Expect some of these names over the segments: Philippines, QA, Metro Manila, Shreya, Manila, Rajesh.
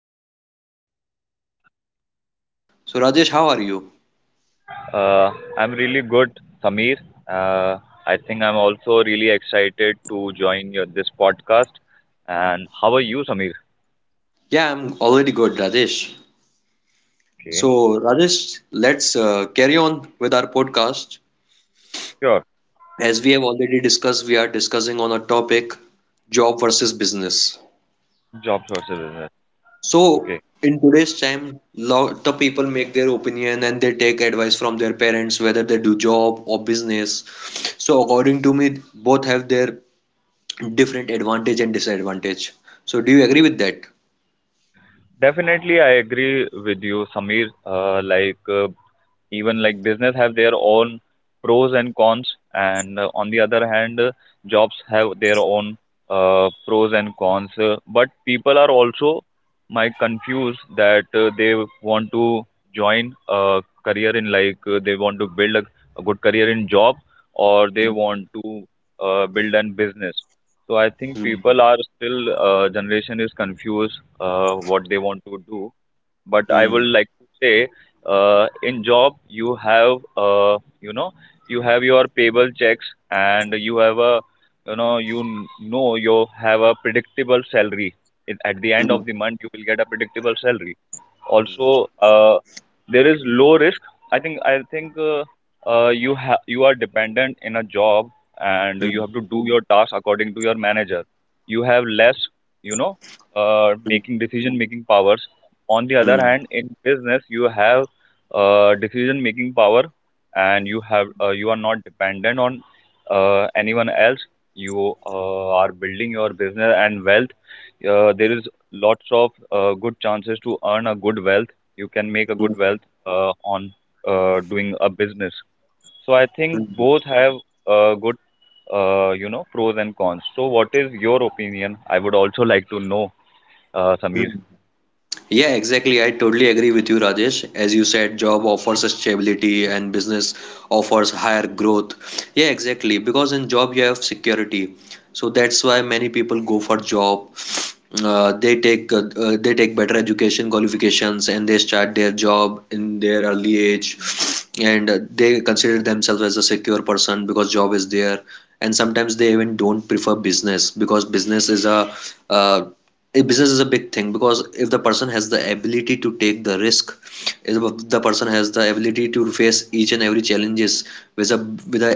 welcome to you, Rajesh, to my podcast. So, Rajesh, how are you? Uh, I'm really good, Sameer. Uh, I think I'm also really excited to join this podcast. And how are you, Sameer? Yeah, I'm already good, Rajesh. Okay, So, Rajesh, let's carry on with our podcast. sure. As we have already discussed, we are discussing on a topic, job versus business. Job sources business. So, Okay, in today's time, lot of people make their opinion and they take advice from their parents whether they do job or business. So, according to me, both have their different advantage and disadvantage. So, do you agree with that? definitely I agree with you, Sameer. Even like business have their own pros and cons, and on the other hand, jobs have their own pros and cons, but people are also might confused that they want to join a career in they want to build a good career in job, or they want to build an business. So I think Mm, people are still, generation is confused, what they want to do. But I mm, would like to say, in job you have you have your payable checks, and you have a, you know you kn- know you have a predictable salary. It, at the end mm, of the month you will get a predictable salary. Also, there is low risk. I think you have, you are dependent in a job, and mm, you have to do your task according to your manager. You have less, you know mm, making decision making powers. On the other mm, hand, in business you have decision making power, and you have, you are not dependent on anyone else. You are building your business and wealth. There is lots of good chances to earn a good wealth. You can make a mm, good wealth on doing a business. So I think mm, both have uh, good, pros and cons. So what is your opinion? I would also like to know, mm. Sameer. Yeah, exactly. I totally agree with you, Rajesh. As you said, job offers us stability and business offers higher growth. Yeah, exactly. Because in job you have security. So that's why many people go for job, they take better education qualifications, and they start their job in their early age, and they consider themselves as a secure person because job is there, and sometimes they even don't prefer business because uh, business is a big thing. Because if the person has the ability to take the risk, if the person has the ability to face each and every challenges, with a with a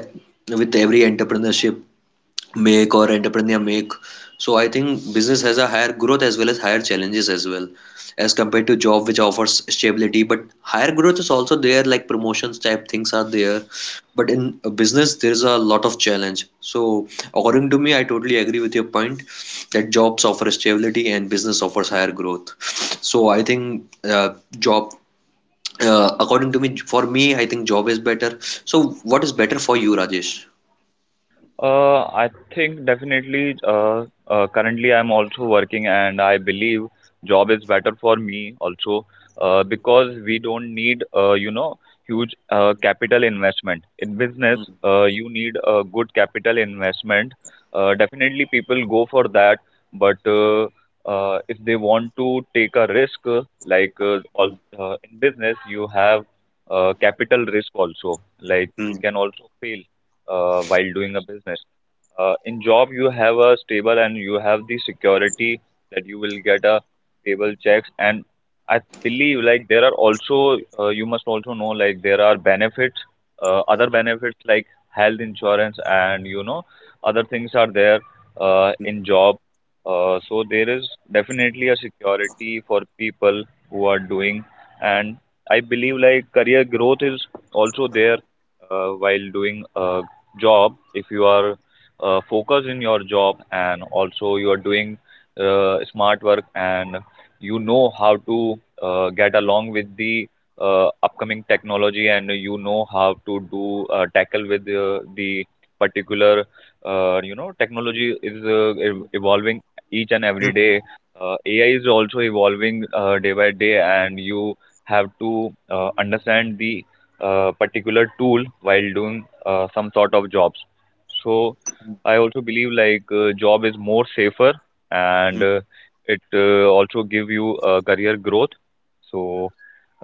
with every entrepreneurship make or entrepreneur make. So I think business has a higher growth as well as higher challenges as well, as compared to job which offers stability. But higher growth is also there, like promotions type things are there. But in a business, there is a lot of challenge. So according to me, I totally agree with your point that jobs offer stability and business offers higher growth. So I think, job. According to me, for me, I think job is better. So, what is better for you, Rajesh? I think definitely. Currently, I'm also working, and I believe job is better for me also, because we don't need, huge capital investment in business. You need a good capital investment. Definitely, people go for that, but if they want to take a risk, in business, you have capital risk also. Like you Hmm. can also fail while doing a business. In job, you have a stable, and you have the security that you will get a stable checks. And I believe like there are also, you must also know like there are benefits, other benefits like health insurance, and you know other things are there in job. So there is definitely a security for people who are doing. And I believe like career growth is also there while doing job, if you are focused in your job, and also you are doing smart work, and you know how to get along with the upcoming technology, and you know how to do tackle with the particular, technology is evolving each and every Hmm. day. AI is also evolving day by day, and you have to understand the particular tool while doing some sort of jobs. So I also believe like job is more safer, and it also give you career growth. So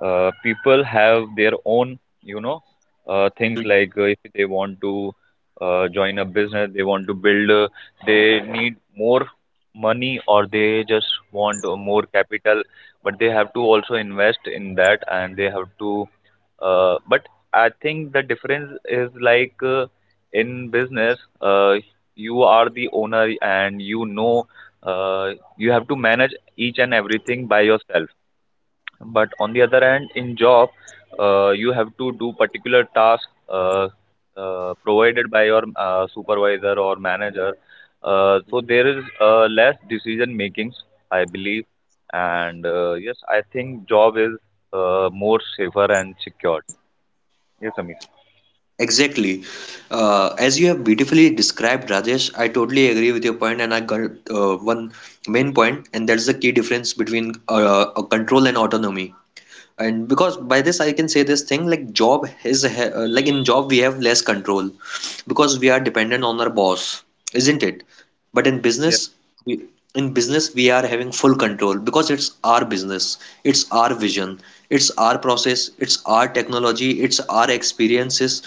people have their own, you know things Hmm. like if they want to join a business, they want to build, they need more money, or they just want more capital, but they have to also invest in that, and they have to, but I think the difference is like, in business, you are the owner, and uh, you have to manage each and everything by yourself. But on the other hand, in job, you have to do particular task, uh, provided by your supervisor or manager. So there is less decision makings, I believe. And yes, I think job is more safer and secured. Yes, Amir. Exactly. As you have beautifully described, Rajesh, I totally agree with your point, and I got one main point, and that's the key difference between a control and autonomy. And because by this, I can say this thing like like in job we have less control because we are dependent on our boss, isn't it? But in business, we, in business we are having full control, because it's our business, it's our vision, it's our process, it's our technology, it's our experiences,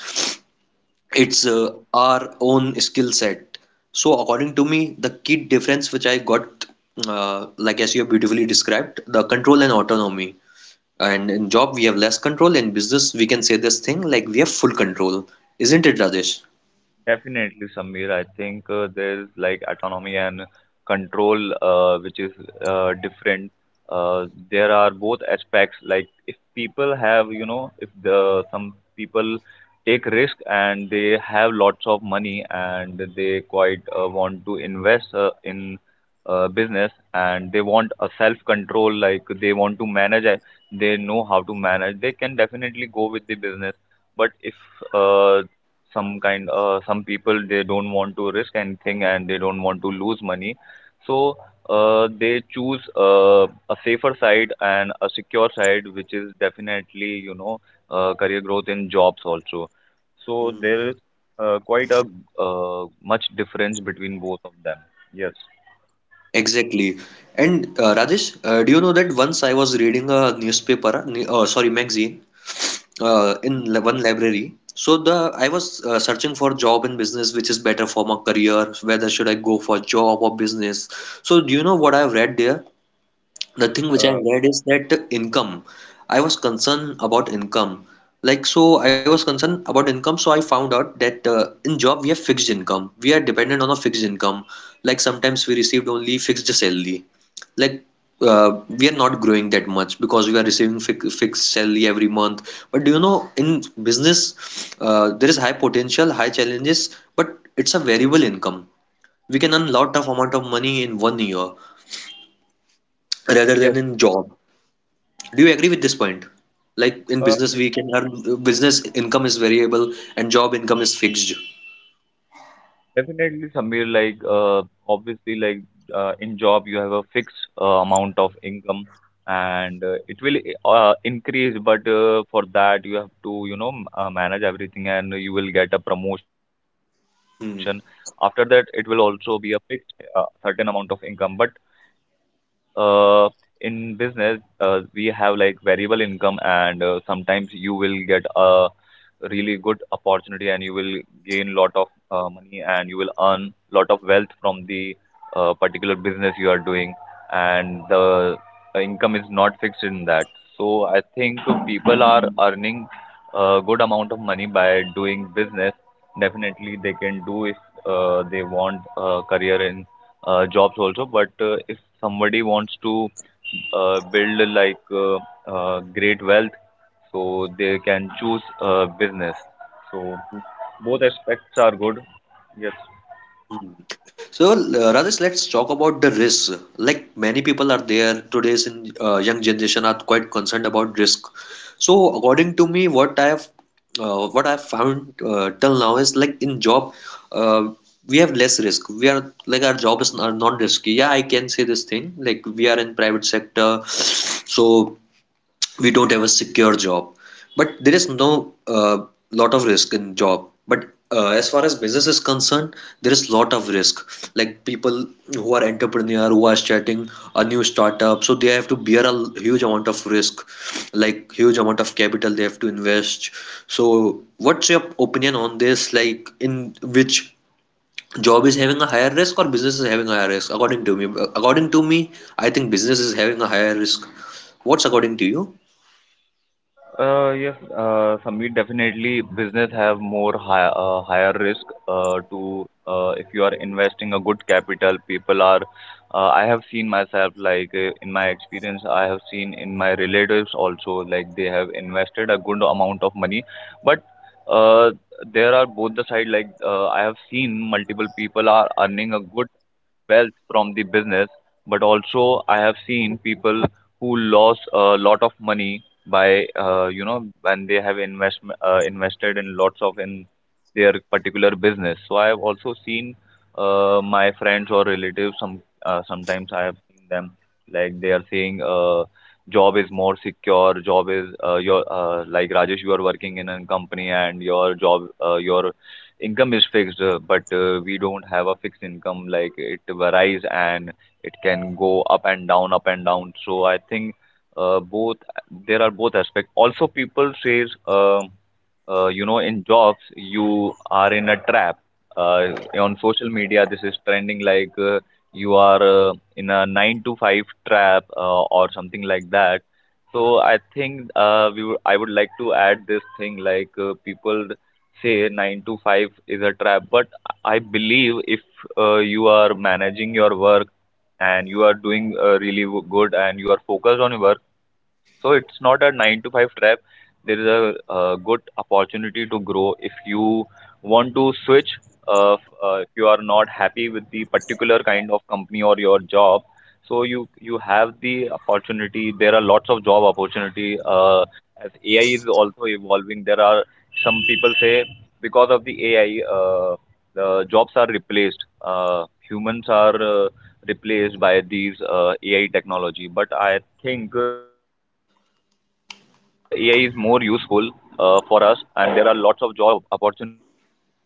it's our own skill set. So according to me, the key difference which I got, like as you have beautifully described, the control and autonomy. And in job we have less control, in business we can say this thing like we have full control, isn't it, Rajesh? Definitely, Samir. I think there's like autonomy and control, which is different. There are both aspects. Like if people have, you know, if the some people take risk and they have lots of money, and they quite want to invest in business, and they want a self control, like they want to manage, they know how to manage. They can definitely go with the business. But if uh, some people, they don't want to risk anything, and they don't want to lose money, so they choose a safer side and a secure side, which is definitely, you know, career growth in jobs also. So Mm. there is quite a much difference between both of them, yes. Exactly. And Rajesh, do you know that once I was reading a newspaper, sorry, magazine, Mm. One library. So the I was searching for job and business, which is better for my career. Whether should I go for job or business? So do you know what I've read there? The thing which Uh, I've read is that income. I was concerned about income. Like, so I was concerned about income, so I found out that in job we have fixed income. We are dependent on a fixed income. Like, sometimes we received only fixed salary. Like, we are not growing that much because we are receiving fixed salary every month. But do you know, in business, there is high potential, high challenges, but it's a variable income. We can earn lot of amount of money in one year rather yes. than in job. Do you agree with this point? Like in Uh, business, we can earn, business income is variable and job income is fixed. Definitely, Samir, like, obviously, in job you have a fixed amount of income, and it will increase. But for that, you have to, manage everything, and you will get a promotion. After that, it Hmm. will also be a fixed certain amount of income. But uh, in business, we have like variable income, and sometimes you will get a and you will gain lot of money, and you will earn lot of wealth from the particular business you are doing, and the income is not fixed in that. So I think people are earning a good amount of money by doing business. Definitely they can do if they want a career in jobs also. But if somebody wants to build great wealth, so they can choose business. So both aspects are good. Yes. Hmm. So, Rajesh, let's talk about the risks. Like many people are there today's in, young generation are quite concerned about risk. So, according to me, what I have, found till now, is like in job, uh, we have less risk. We are like our job is are non-risky. Yeah, I can say this thing. Like we are in private sector, so we don't have a secure job, but there is no lot of risk in job. But as far as business is concerned, there is lot of risk. Like people who are entrepreneur, who are starting a new startup, so they have to bear a huge amount of risk, like huge amount of capital they have to invest. So what's your opinion on this? Like in which, job is having a higher risk or business is having a higher risk? According to me, according to me I think business is having a higher risk. What's according to you? Yes, Sameer, definitely business have more higher risk. To If you are investing a good capital, people are, I have seen myself, like in my experience, I have seen in my relatives also, like they have invested a good amount of money, but uh, there are both the side. Like I have seen multiple people are earning a good wealth from the business, but also I have seen people who lost a lot of money by when they have invested in lots of in their particular business. So I have also seen my friends or relatives. Sometimes I have seen them like they are saying. Job is more secure. Job is your like, Rajesh, you are working in a company, and your job your income is fixed, but we don't have a fixed income. Like it varies, and it can go up and down, up and down. So I think both there are both aspects. Also, people says. In jobs you are in a trap, uh, on social media this is trending like you are in a 9 to 5 trap or something like that. So I think, I would like to add this thing, like people say 9 to 5 is a trap, but I believe, if you are managing your work, and you are doing really good, and you are focused on your work, so it's not a nine to five trap. There is a, good opportunity to grow, if you want to switch. If you are not happy with the particular kind of company or your job, so you have the opportunity. There are lots of job opportunity. As AI is also evolving, there are some people say, because of the AI, uh, the jobs are replaced. Humans are replaced by these AI technology. But I think AI is more useful for us, and there are lots of job opportunities. And uh,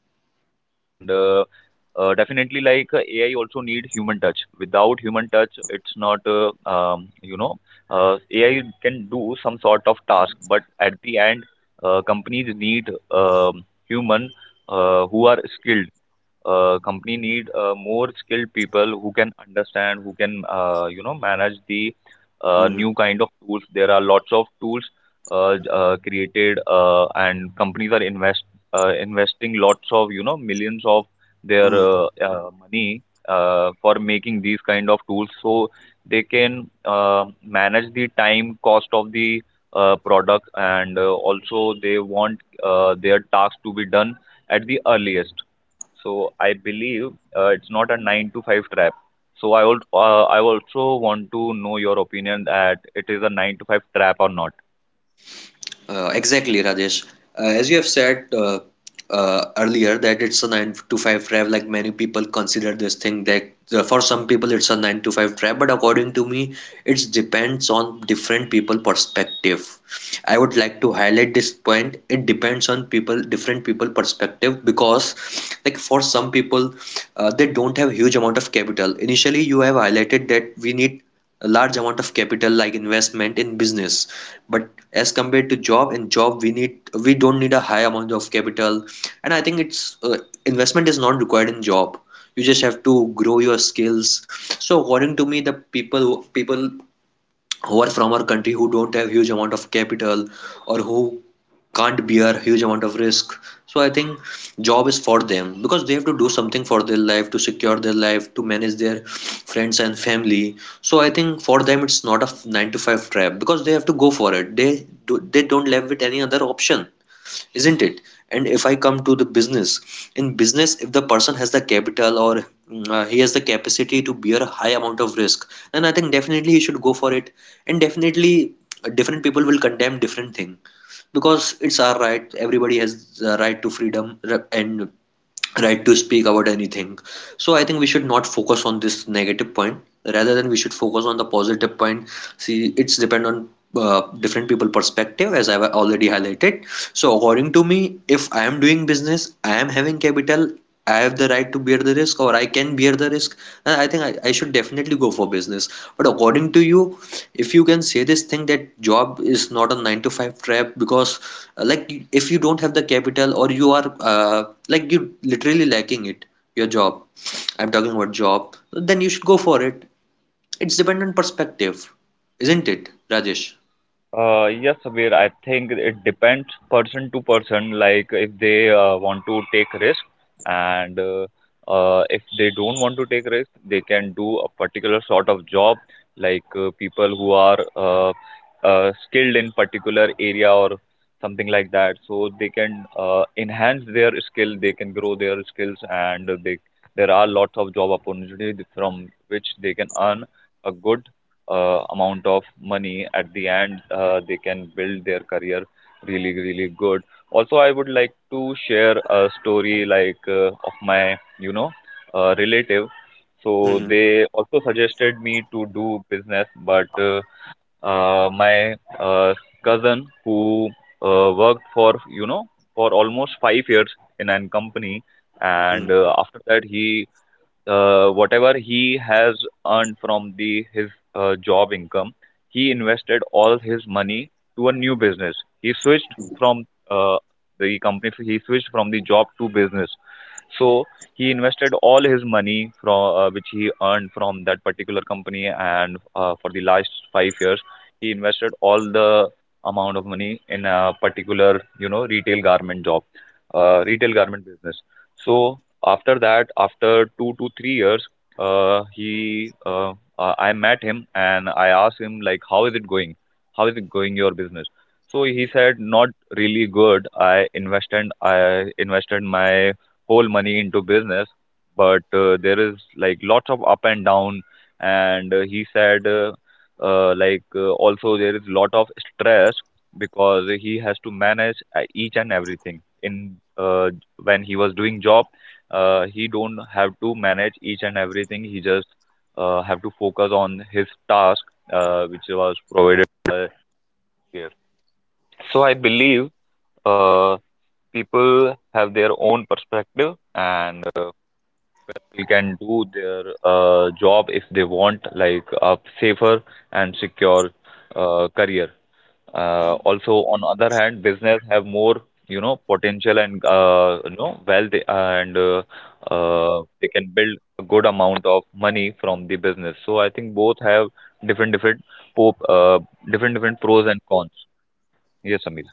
uh, definitely, like AI also need human touch. Without human touch, it's not, AI can do some sort of task, but at the end, companies need, um human who are skilled. Company need more skilled people who can understand, who can, manage the Hmm. new kind of tools. There are lots of tools created, and companies are investing lots of, you know, millions of their Mm. Money for making these kind of tools, so they can manage the time cost of the product, and also they want their tasks to be done at the earliest. So I believe it's not a nine to five trap. So I also want to know your opinion, that it is a nine to five trap or not. Exactly, Rajesh. As you have said, earlier, that it's a 9 to 5 trap, like many people consider this thing that for some people it's a 9 to 5 trap, but according to me, it depends on different people perspective. I would like to highlight this point. It depends on people, different people perspective, because like for some people, they don't have huge amount of capital. Initially, you have highlighted that we need a large amount of capital like investment in business, but as compared to job, in job we need, we don't need a high amount of capital. And I think it's investment is not required in job. You just have to grow your skills. So according to me, the people people who are from our country, who don't have huge amount of capital, or who can't bear huge amount of risk, so I think job is for them, because they have to do something for their life, to secure their life, to manage their friends and family. So I think for them it's not a 9 to 5 trap, because they have to go for it, they do, they don't live with any other option, isn't it? And if I come to the business, in business if the person has the capital, or he has the capacity to bear a high amount of risk, then I think definitely he should go for it. And definitely different people will condemn different thing, because it's our right, everybody has the right to freedom, and right to speak about anything. So I think we should not focus on this negative point. Rather than we should focus on the positive point. See, it's depend on different people perspective, as I've already highlighted. So according to me, if I am doing business, I am having capital, I have the right to bear the risk, or I can bear the risk. And I think I should definitely go for business. But according to you, if you can say this thing that job is not a nine to five trap, because like if you don't have the capital, or you are like you literally lacking it, your job. I'm talking about job, then you should go for it. It's dependent perspective, isn't it, Rajesh? Yes, Sabir, I think it depends person to person. Like if they want to take risk and if they don't want to take risk, they can do a particular sort of job. Like people who are skilled in particular area or something like that. So they can enhance their skill, they can grow their skills, and they there are lots of job opportunities from which they can earn a good amount of money at the end. They can build their career really really good. Also, I would like to share a story like of my relative. So Mm-hmm. they also suggested me to do business, but my uh, cousin who worked for for almost 5 years in an company, and after that he whatever he has earned from the his job income, he invested all his money to a new business. He switched from uh, the company. He switched from the job to business. So he invested all his money from which he earned from that particular company, and for the last 5 years, he invested all the amount of money in a particular, retail garment job, retail garment business. So after that, after 2 to 3 years, he I met him and I asked him like, how is it going? How is it going your business? So he said, not really good. I invested my whole money into business, but there is like lots of up and down, and he said like also there is lot of stress because he has to manage each and everything in. uh, when he was doing job, he don't have to manage each and everything, he just have to focus on his task which was provided. Job, if they want like a safer and secure career. Also, on other hand, business have more potential and wealth, and they can build a good amount of money from the business. So I think both have different po different different pros and cons. Yes, Amit.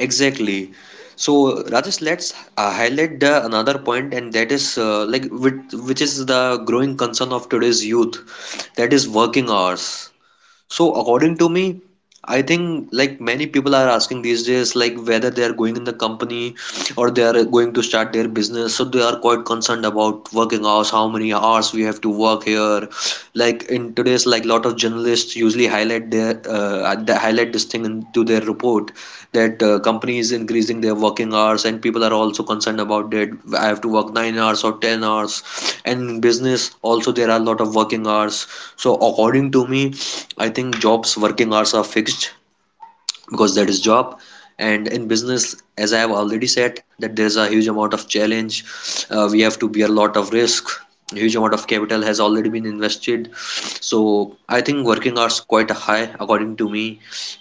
Exactly. So Rajesh, let's highlight the another point, and that is like which is the growing concern of today's youth, that is working hours. So according to me, I think like many people are asking these days, like whether they are going in the company or they are going to start their business. So they are quite concerned about working hours, how many hours we have to work here. Like in today's, like lot of journalists usually highlight their they highlight this thing into their report, that companies increasing their working hours, and people are also concerned about that. I have to work 9 hours or 10 hours, and business also, there are a lot of working hours. So according to me, I think jobs working hours are fixed, because that is job. And in business, as I have already said, that there is a huge amount of challenge. We have to bear a lot of risk. A huge amount of capital has already been invested. So I think working hours quite high, according to me.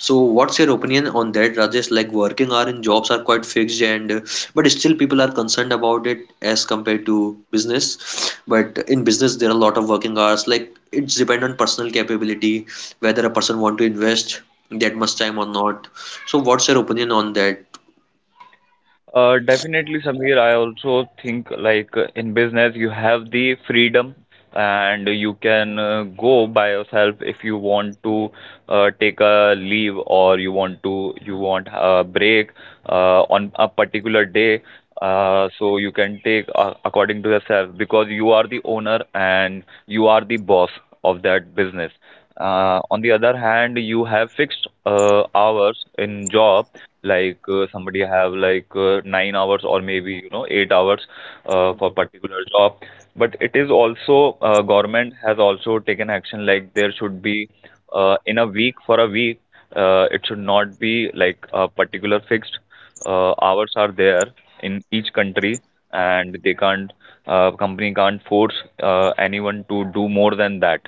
So what's your opinion on that, Rajesh? Like working hour in jobs are quite fixed, and but still people are concerned about it, as compared to business. But in business there are a lot of working hours, like it's depend on personal capability, whether a person want to invest that much time or not. So what's your opinion on that? Definitely, Samir. I also think like in business, you have the freedom, and you can go by yourself if you want to take a leave or you want a break on a particular day. So you can take according to yourself because you are the owner and you are the boss of that business. On the other hand, you have fixed hours in job, like somebody have like 9 hours or maybe 8 hours for particular job. But it is also government has also taken action like there should be in a week for a week. It should not be like a particular fixed hours are there in each country, and they can't company can't force anyone to do more than that.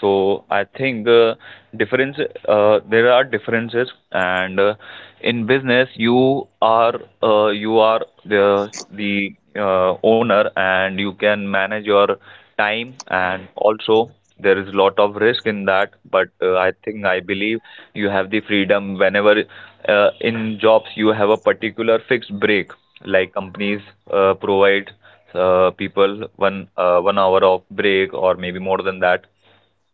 So I think difference there are differences, and in business you are the owner, and you can manage your time, and also there is lot of risk in that. But I think I believe you have the freedom whenever. In jobs you have a particular fixed break, like companies provide people 1 hour of break or maybe more than that.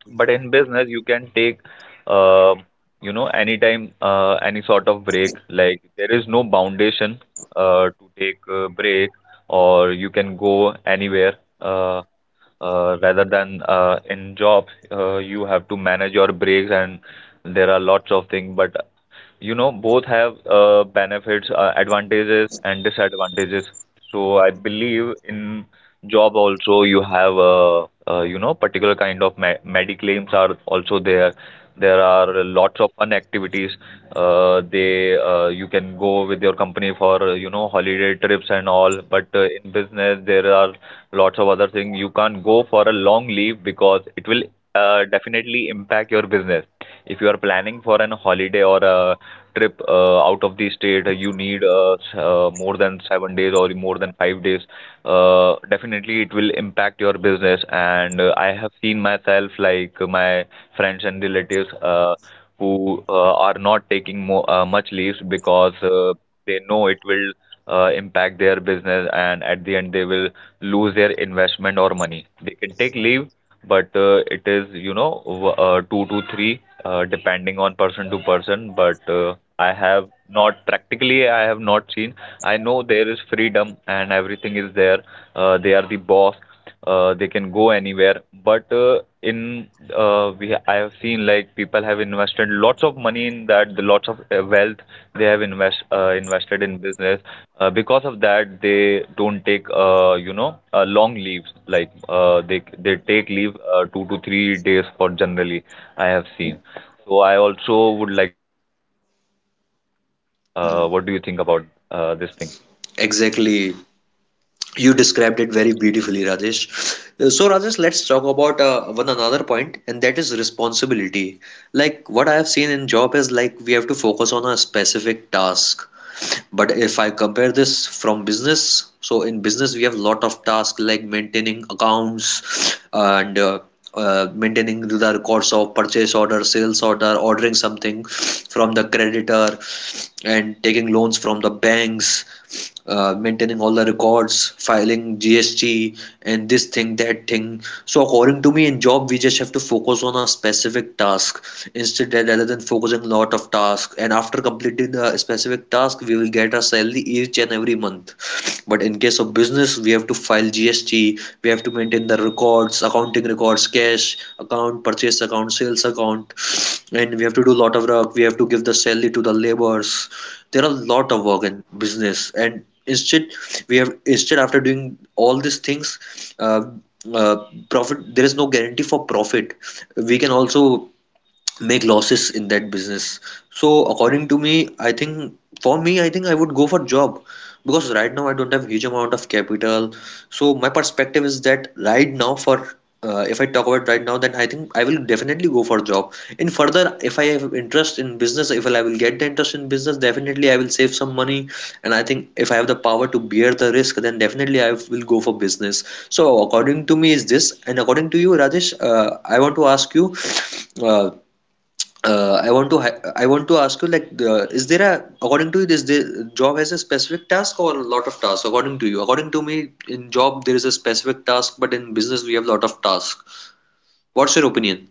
But in business, you can take, uh, anytime, any sort of break. Like there is no foundation to take a break, or you can go anywhere. Uh, Rather than in job, you have to manage your breaks, and there are lots of things. But both have benefits, advantages, and disadvantages. So I believe in job also you have particular kind of me mediclaims are also there. There are lots of fun activities. They You can go with your company for holiday trips and all. But in business there are lots of other things. You can't go for a long leave because it will definitely impact your business. If you are planning for an holiday or a trip out of the state, you need more than 7 days or more than 5 days. Definitely, it will impact your business. And I have seen myself, like my friends and relatives, who are not taking much leaves because they know it will impact their business, and at the end, they will lose their investment or money. They can take leave, but it is two to three depending on person to person. But I have not practically, I have not seen. I know there is freedom and everything is there. They are the boss, they can go anywhere. But in we I have seen like people have invested lots of money in that, the lots of wealth they have invested in business. Because of that, they don't take long leaves. Like they take leave 2 to 3 days for generally. I have seen. So I also would like to know what do you think about Mm. this thing? Exactly. You described it very beautifully, Rajesh. So, Rajesh, let's talk about one another point, and that is responsibility. Like what I have seen in job is like we have to focus on a specific task. But if I compare this from business, so in business we have a lot of tasks like maintaining accounts and maintaining the records of purchase order, sales order, ordering something from the creditor and taking loans from the banks, maintaining all the records, filing GST, and this thing, that thing. So, according to me, in job, we just have to focus on a specific task instead rather than focusing a lot of tasks. And after completing the specific task, we will get a salary each and every month, but in case of business, we have to file GST, we have to maintain the records, accounting records, cash account, purchase account, sales account, and we have to do a lot of work, we have to give the salary to the laborers. There are a lot of work in business, and instead we have instead after doing all these things, uh, profit, there is no guarantee for profit. We can also make losses in that business. So according to me, I think for me, I think I would go for job because right now I don't have huge amount of capital. So my perspective is that right now for if I talk about right now, then I think I will definitely go for job. In further, if I have interest in business, if I will get the interest in business, definitely I will save some money. And I think if I have the power to bear the risk, then definitely I will go for business. So according to me is this, and according to you, Rajesh, I want to ask you, uh, I want to ask you like is there a according to you this the job has a specific task or a lot of tasks? According to you, according to me, in job there is a specific task but in business we have lot of tasks. What's your opinion?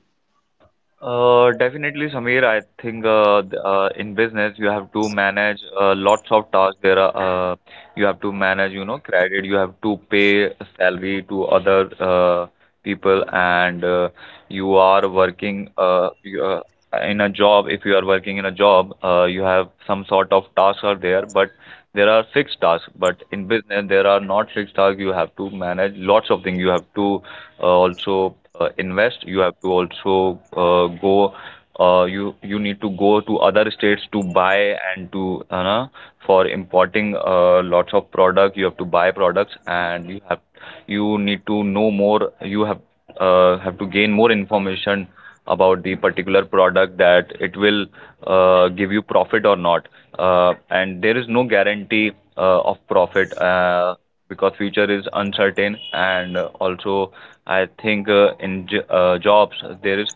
Definitely, Samir. I think in business you have to manage lots of tasks. There are you have to manage, credit. You have to pay salary to other people, and you are working. In a job, if you are working in a job, you have some sort of tasks are there, but there are fixed tasks. But in business there are not fixed tasks, you have to manage lots of things. You have to also invest, you have to also go you you need to go to other states to buy and to for importing lots of product, you have to buy products. And you have, you need to know more, you have to gain more information about the particular product, that it will give you profit or not, and there is no guarantee of profit, because future is uncertain. And also I think jobs there is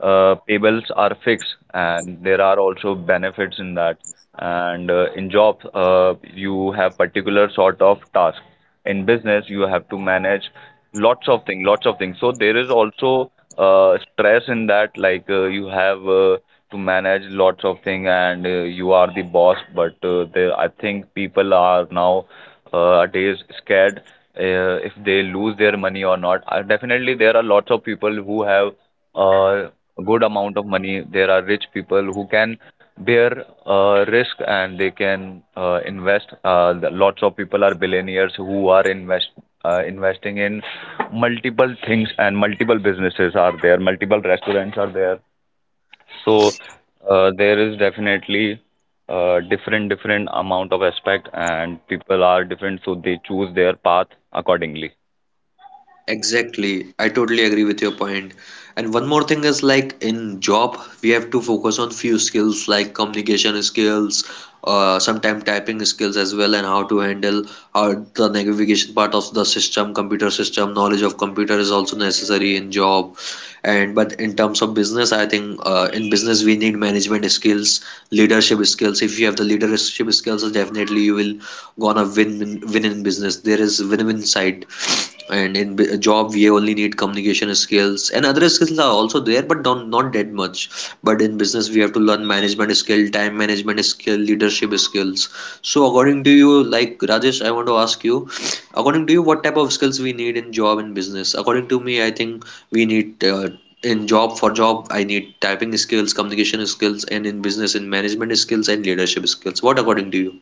payables are fixed, and there are also benefits in that. And in jobs, you have particular sort of task. In business, you have to manage lots of things, lots of things. So there is also stress in that, like you have to manage lots of things, and you are the boss. But there, I think people are now are days scared if they lose their money or not. Definitely, there are lots of people who have uh, a good amount of money. There are rich people who can bear risk and they can invest. Lots of people are billionaires who are investing in multiple things, and multiple businesses are there, multiple restaurants are there. So there is definitely different different amount of aspect, and people are different, so they choose their path accordingly. Exactly. I totally agree with your point. And one more thing is like in job, we have to focus on few skills like communication skills, sometime typing skills as well, and how to handle the navigation part of the system, computer system. Knowledge of computer is also necessary in job. And but in terms of business, I think in business we need management skills, leadership skills. If you have the leadership skills, definitely you will gonna win in business. There is win-win side. And in a job we only need communication skills, and other skills are also there but don't, not that much, but in business we have to learn management skill, time management skill, leadership skills. So according to you, like Rajesh, I want to ask you, according to you, what type of skills we need in job and business? According to me, I think we need in job, for job I need typing skills, communication skills, and in business in management skills and leadership skills. What according to you?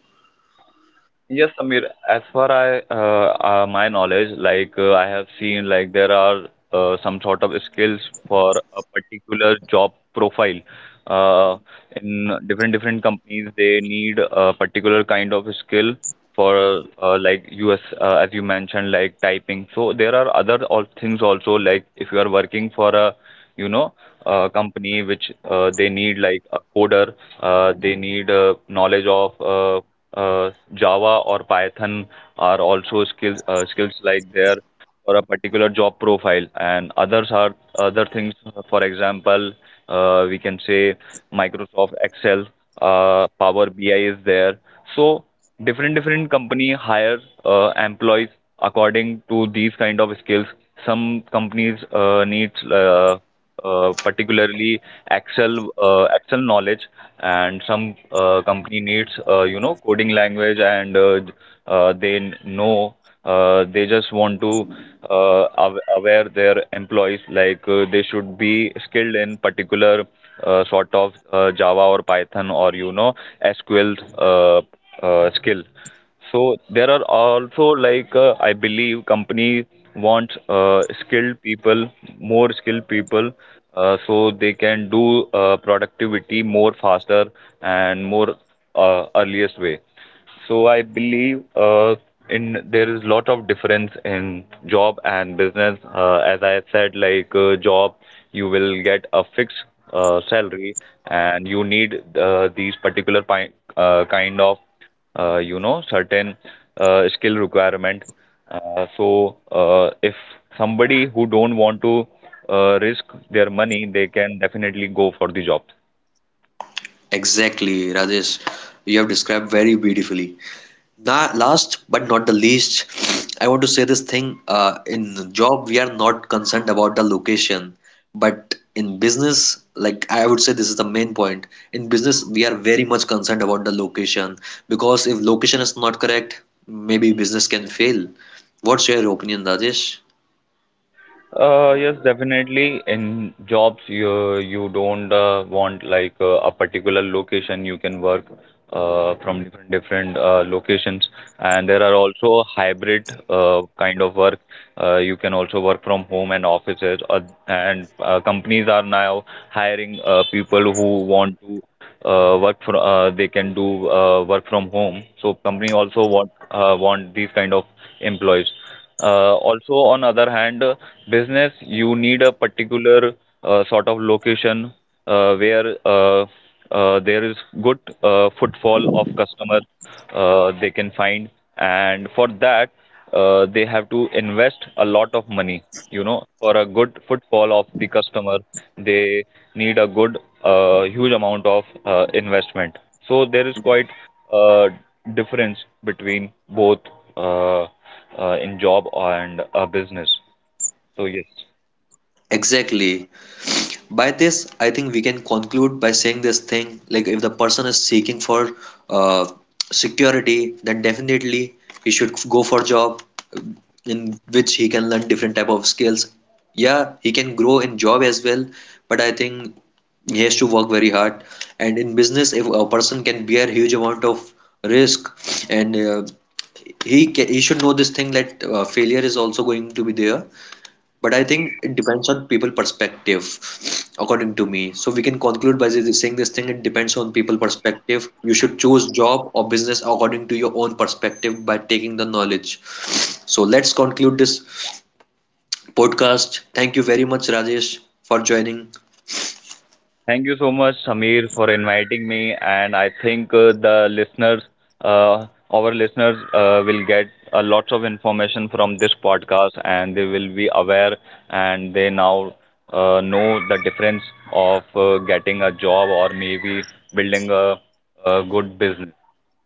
Yes, Samir. As far I my knowledge, like I have seen, like there are some sort of skills for a particular job profile. Uh, in different different companies, they need a particular kind of skill for like US, as you mentioned, like typing. So there are other all things also. Like if you are working for a you know company which they need like a coder, they need knowledge of Java or Python are also skills, skills like there for a particular job profile, and others are other things. For example, we can say Microsoft Excel, Power BI is there. So different different company hire employees according to these kind of skills. Some companies needs particularly Excel knowledge, and some company needs coding language, and they know they just want to aware their employees, like they should be skilled in particular sort of Java or Python or SQL skill. So there are also like I believe company wants skilled people, more skilled people, so they can do productivity more faster and more earliest way. So I believe in there is lot of difference in job and business. As I said, like job, you will get a fixed salary, and you need these particular kind of certain skill requirement. If somebody who don't want to risk their money, they can definitely go for the job. Exactly, Rajesh. You have described very beautifully. Now, last but not the least, I want to say this thing. In job, we are not concerned about the location, but in business, like I would say, this is the main point. In business, we are very much concerned about the location because if location is not correct, maybe business can fail. What's your opinion, Rajesh? Yes, definitely. In jobs, you don't want like a particular location. You can work from different different locations, and there are also hybrid kind of work. You can also work from home and offices, and companies are now hiring people who want to work from. They can do work from home. So company also want, want these kind of employees. Also, on other hand, business you need a particular sort of location where there is good footfall of customer they can find, and for that they have to invest a lot of money. You know, for a good footfall of the customer, they need a good huge amount of investment. So there is quite uh, difference between both uh, in job and business. So yes, Exactly. By this, I think we can conclude by saying this thing, like if the person is seeking for uh, security, then definitely he should go for job in which he can learn different type of skills. Yeah, he can grow in job as well, but I think he has to work very hard. And in business, if a person can bear huge amount of risk, and he should know this thing that failure is also going to be there, but I think it depends on people perspective, according to me. So we can conclude by saying this thing, it depends on people perspective. You should choose job or business according to your own perspective by taking the knowledge. So let's conclude this podcast. Thank you very much, Rajesh, for joining. thank you so much, Samir, for inviting me, and I think our listeners will get lots of information from this podcast, and they will be aware, and they now know the difference of getting a job or maybe building a good business.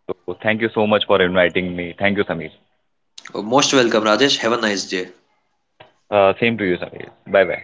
So thank you so much for inviting me. Thank you, Samir. Most welcome, Rajesh. Have a nice day. Same to you, Sameer. Bye bye.